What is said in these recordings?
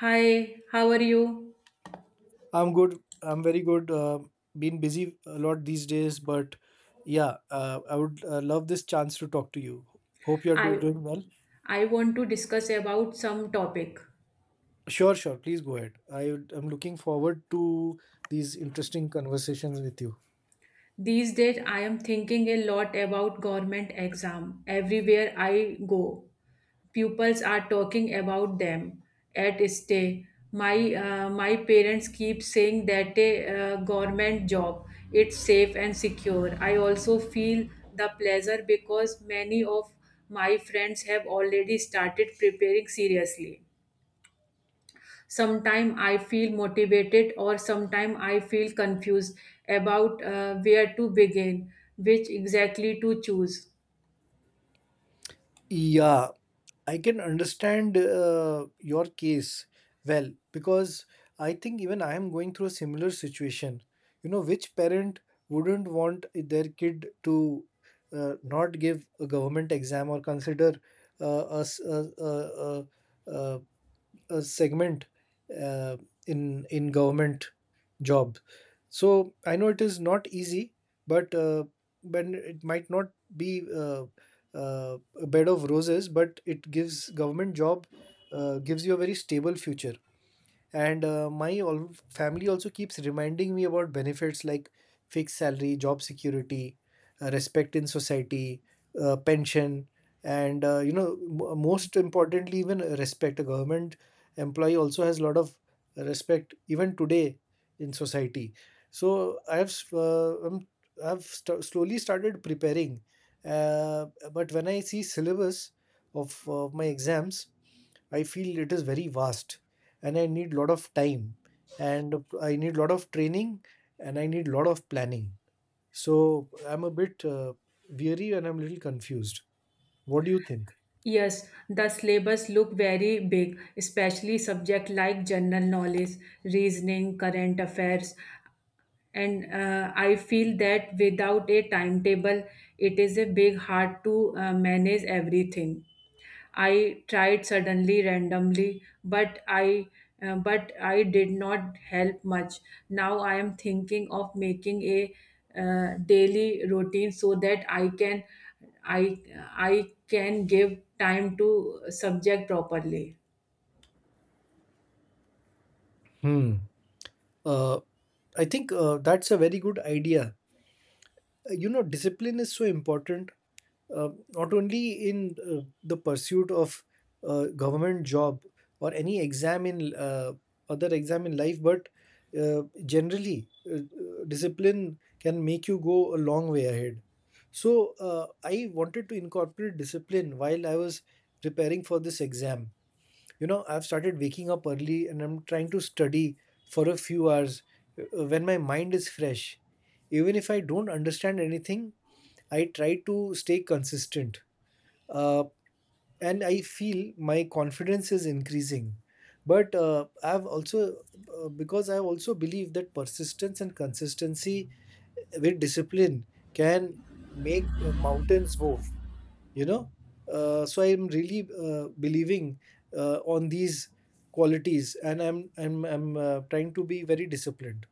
Hi, how are you? I'm good. I'm very good. Been busy a lot these days, but yeah, I would love this chance to talk to you. Hope you're I doing well. I want to discuss about some topic. Sure, sure. Please go ahead. I'm looking forward to these interesting conversations with you. These days I am thinking a lot about government exam. Everywhere I go, pupils are talking about them at stay. My parents keep saying that a government job it's safe and secure. I also feel the pleasure because many of my friends have already started preparing seriously. Sometime I feel motivated or sometime I feel confused about where to begin, which exactly to choose. Yeah, I can understand your case well because I think even I am going through a similar situation. You know, which parent wouldn't want their kid to not give a government exam or consider uh, a, s- a, a- a segment uh, in government job. So I know it is not easy, but uh, but it might not be a bed of roses, but it gives government job gives you a very stable future and my all family also keeps reminding me about benefits like fixed salary job security, respect in society, pension, and you know, most importantly, even respect, a government employee also has a lot of respect even today in society. So I have s- I'm, I've st- slowly started preparing, uh, but when I see syllabus of my exams, I feel it is very vast, and I need lot of time, and I need lot of training, and I need lot of planning. So I'm a bit weary, and I'm a little confused. What do you think? Yes, the syllabus look very big, especially subject like general knowledge, reasoning, current affairs, and I feel that without a timetable it is a big hard to manage everything. I tried suddenly randomly, but I did not help much. Now I am thinking of making a daily routine so that I I can give time to subject properly. Hmm. Uh, I think that's a very good idea. You know, discipline is so important, uh, not only in the pursuit of government job or any exam in other exam in life, but generally discipline can make you go a long way ahead. So I wanted to incorporate discipline while I was preparing for this exam. You know, I've started waking up early, and I'm trying to study for a few hours when my mind is fresh. Even if I don't understand anything, I try to stay consistent, uh, and I feel my confidence is increasing. But uh, I've also, because I also believe that persistence and consistency with discipline can make mountains move, you know. So I'm really believing on these qualities, and I'm trying to be very disciplined.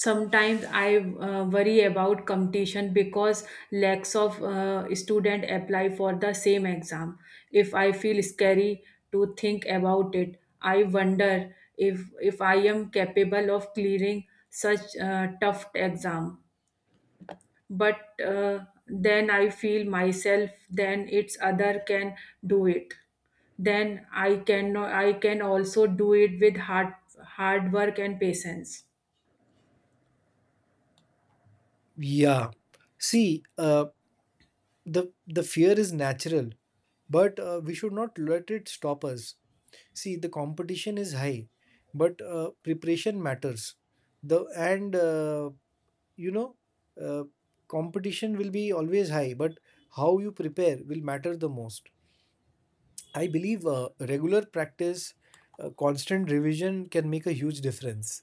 Sometimes I worry about competition because lakhs of student apply for the same exam. If I feel scary to think about it, I wonder if I am capable of clearing such tough exam. But then I feel myself, then it's other can do it, then I can, no, I can also do it with hard work and patience. Yeah. See, the fear is natural, but we should not let it stop us. See, the competition is high, but preparation matters. The and you know, uh, Competition will be always high, but how you prepare will matter the most. I believe regular practice, constant revision can make a huge difference.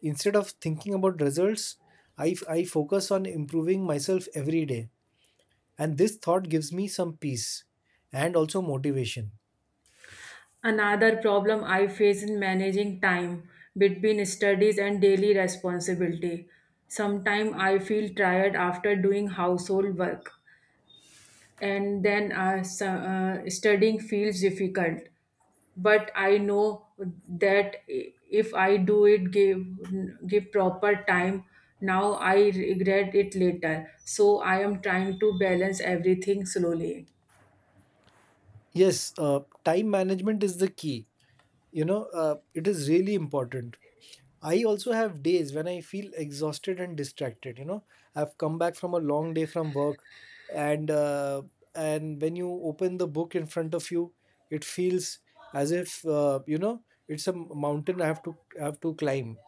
Instead of thinking about results, I focus on improving myself every day, and this thought gives me some peace and also motivation. Another problem I face in managing time between studies and daily responsibility. Sometimes I feel tired after doing household work, and then studying feels difficult. But I know that if I do it, give proper time. Now I regret it later. So I am trying to balance everything slowly. Yes, time management is the key. You know, it is really important. I also have days when I feel exhausted and distracted. You know, I've come back from a long day from work, and uh, and when you open the book in front of you, it feels as if, you know, it's a mountain I have to climb.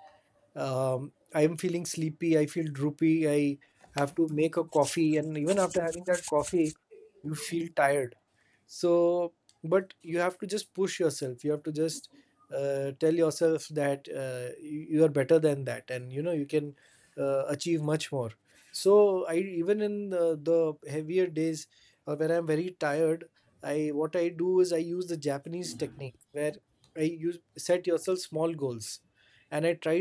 I am feeling sleepy, I feel droopy, I have to make a coffee, and even after having that coffee, you feel tired. So but you have to just push yourself, you have to just tell yourself that you are better than that, and you know you can achieve much more. So I, even in the heavier days or when I'm very tired, I what I do is I use the Japanese technique where I use set yourself small goals, and I try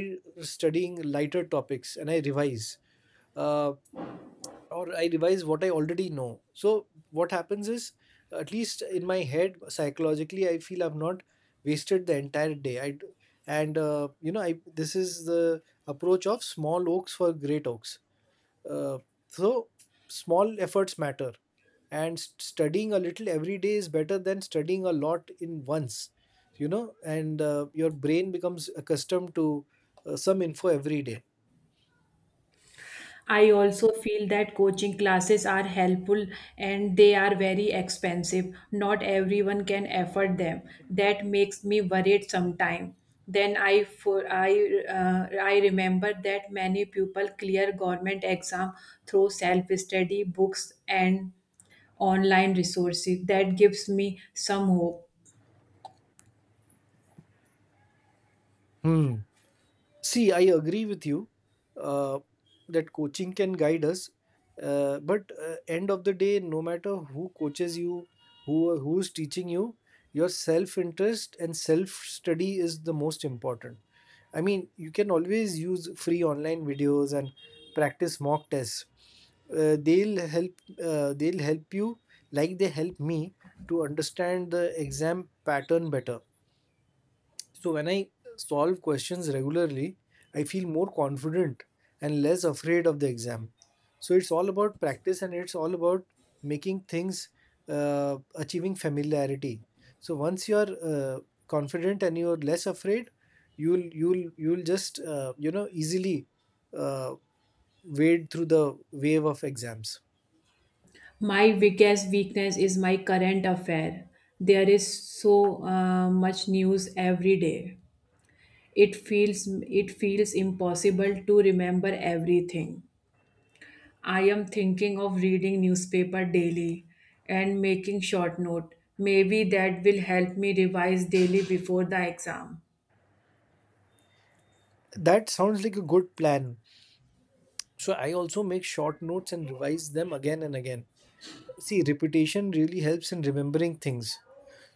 studying lighter topics, and I revise. Uh, or I revise what I already know. So what happens is, at least in my head, psychologically, I feel I've not wasted the entire day. I d- and You know, I this is the approach of small oaks for great oaks. Uh, so small efforts matter, and studying a little every day is better than studying a lot in once. You know, and your brain becomes accustomed to some info every day. I also feel that coaching classes are helpful and they are very expensive. Not everyone can afford them. That makes me worried sometimes. Then I for I I remember that many people clear government exam through self study, books, and online resources. That gives me some hope. Hmm. See, I agree with you uh, that coaching can guide us, but end of the day, no matter who coaches you, who is teaching you, your self interest and self study is the most important. I mean, you can always use free online videos and practice mock tests. They'll help. They'll help you, like they help me, to understand the exam pattern better. So when I solve questions regularly, I feel more confident and less afraid of the exam. So it's all about practice, and it's all about making things, achieving familiarity. So once you're confident and you're less afraid, you'll just you know easily uh, wade through the wave of exams. My biggest weakness is my current affair. There is so much news every day. It feels impossible to remember everything. I am thinking of reading newspaper daily and making short note. Maybe that will help me revise daily before the exam. That sounds like a good plan. So I also make short notes and revise them again and again. See, repetition really helps in remembering things.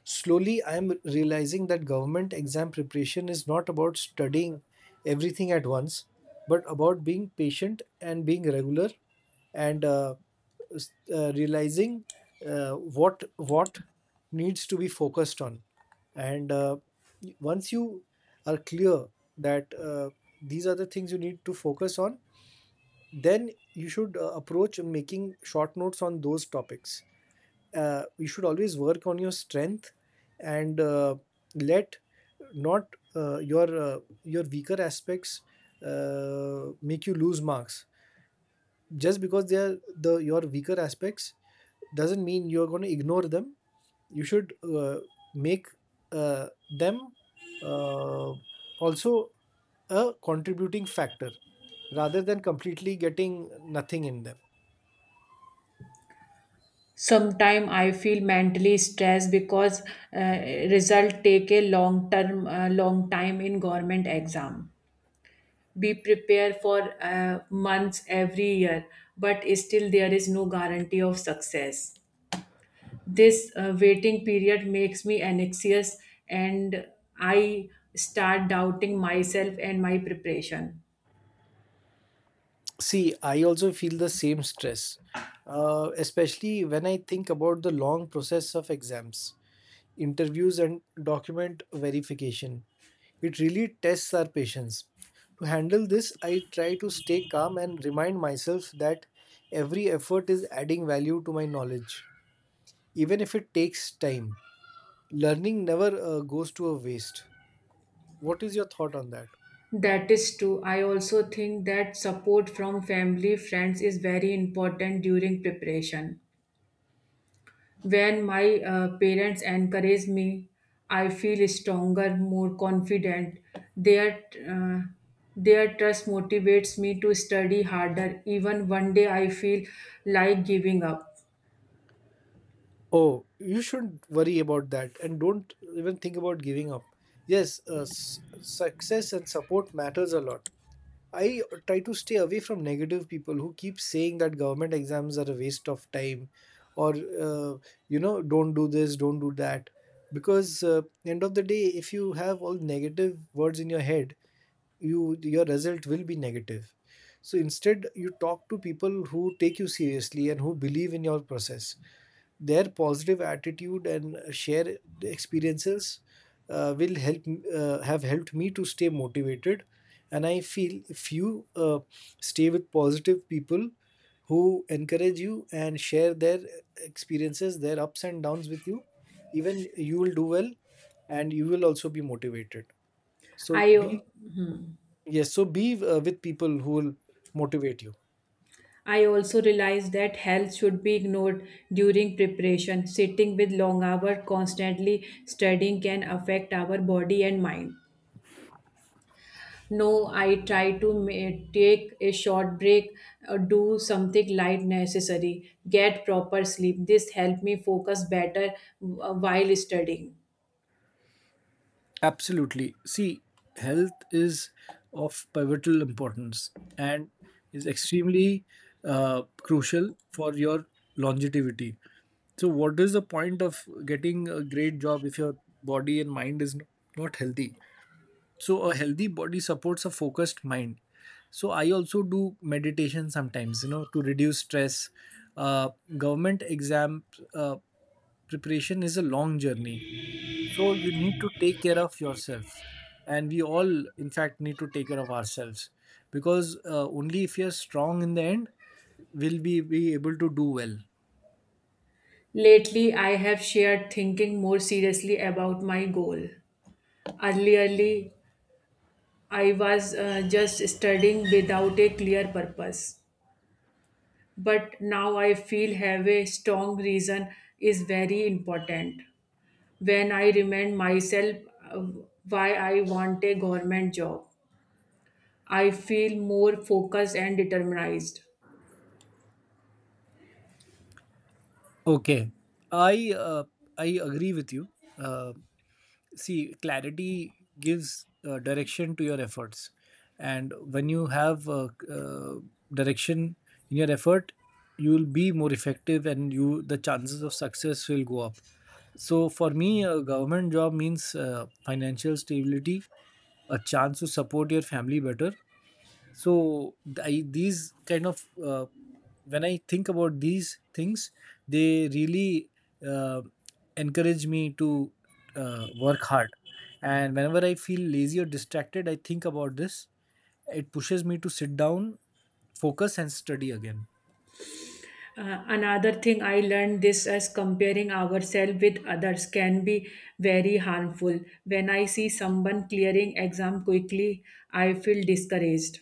Slowly, I am realizing that government exam preparation is not about studying everything at once, but about being patient and being regular, and realizing what needs to be focused on. And uh, Once you are clear that these are the things you need to focus on, then you should approach making short notes on those topics. You should always work on your strength, and let not your your weaker aspects make you lose marks. Just because they are the your weaker aspects doesn't mean you're going to ignore them. You should make them uh, also a contributing factor, rather than completely getting nothing in them. Sometimes I feel mentally stressed because uh, result take a long time in government exam. We prepare for months every year, but still there is no guarantee of success. This waiting period makes me anxious, and I start doubting myself and my preparation. See, I also feel the same stress, especially when I think about the long process of exams, interviews, and document verification. It really tests our patience. To handle this, I try to stay calm and remind myself that every effort is adding value to my knowledge, even if it takes time. Learning never goes to a waste. What is your thought on that? That is true. I also think that support from family, friends is very important during preparation. When my parents encourage me, I feel stronger, more confident. Their uh, their trust motivates me to study harder. Even one day, I feel like giving up. Oh, you shouldn't worry about that, and don't even think about giving up. Yes, success and support matters a lot. I try to stay away from negative people who keep saying that government exams are a waste of time, or uh, you know, don't do this, don't do that. Because end of the day, if you have all negative words in your head, your result will be negative. So instead, you talk to people who take you seriously and who believe in your process. Their positive attitude and share experiences will help have helped me to stay motivated. And I feel if you stay with positive people who encourage you and share their experiences, their ups and downs with you, even you will do well and you will also be motivated. So I be, yes, so be with people who will motivate you. I also realized that health should be ignored during preparation. Sitting with long hours, constantly studying can affect our body and mind. No, I try to take a short break, do something light necessary, get proper sleep. This helped me focus better while studying. Absolutely. See, health is of pivotal importance and is extremely crucial for your longevity. So, what is the point of getting a great job if your body and mind is not healthy? So, a healthy body supports a focused mind. So, I also do meditation sometimes, you know, to reduce stress. Uh, Government exam uh, preparation is a long journey, so you need to take care of yourself. And we all, in fact, need to take care of ourselves, because only if you're strong in the end will we be able to do well. Lately, I have shared thinking more seriously about my goal. Earlierly, I was just studying without a clear purpose, but now I feel have a strong reason is very important. When I remind myself uh, why I want a government job, I feel more focused and determined. Okay, I uh, I agree with you. Uh, See, clarity gives direction to your efforts, and when you have direction in your effort, you will be more effective, and you the chances of success will go up. So for me, a government job means financial stability, a chance to support your family better. So these kind of, when I think about these things, they really uh, encourage me to work hard. And whenever I feel lazy or distracted, I think about this. It pushes me to sit down, focus, and study again. Another thing I learned this as comparing ourselves with others can be very harmful. When I see someone clearing exam quickly, I feel discouraged.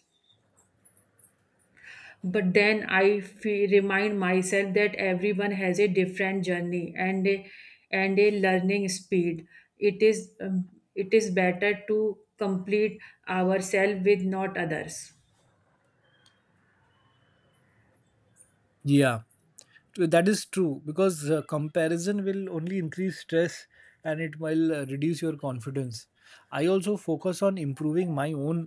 But then remind myself that everyone has a different journey and a learning speed. It is um, it is better to complete ourselves with not others. Yeah. That is true, because comparison will only increase stress, and it will reduce your confidence. I also focus on improving my own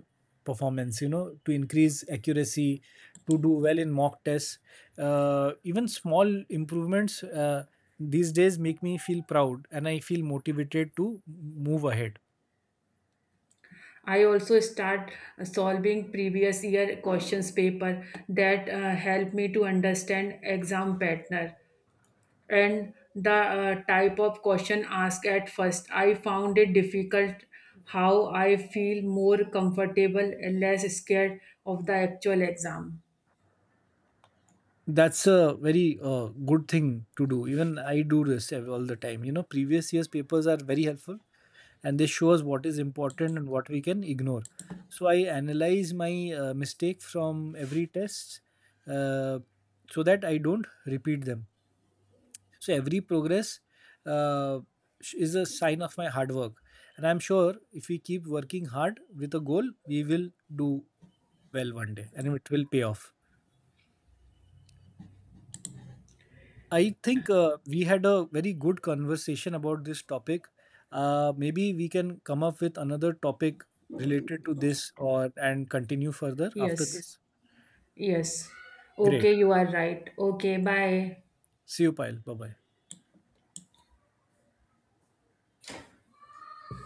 performance, you know, to increase accuracy, to do well in mock tests. Even small improvements these days make me feel proud, and I feel motivated to move ahead. I also start solving previous year questions paper that help me to understand exam pattern and the type of question asked at first. I found it difficult how I feel more comfortable and less scared of the actual exam. That's a very good thing to do. Even I do this all the time. You know, previous years papers are very helpful, and they show us what is important and what we can ignore. So I analyze my mistake from every test, uh, so that I don't repeat them. So every progress uh, is a sign of my hard work, and I'm sure if we keep working hard with a goal, we will do well one day, and it will pay off. I think we had a very good conversation about this topic. Maybe we can come up with another topic related to this, or and continue further after Yes, this. yes. Great. Okay, you are right. Okay, bye. See you, Pyle. Bye bye.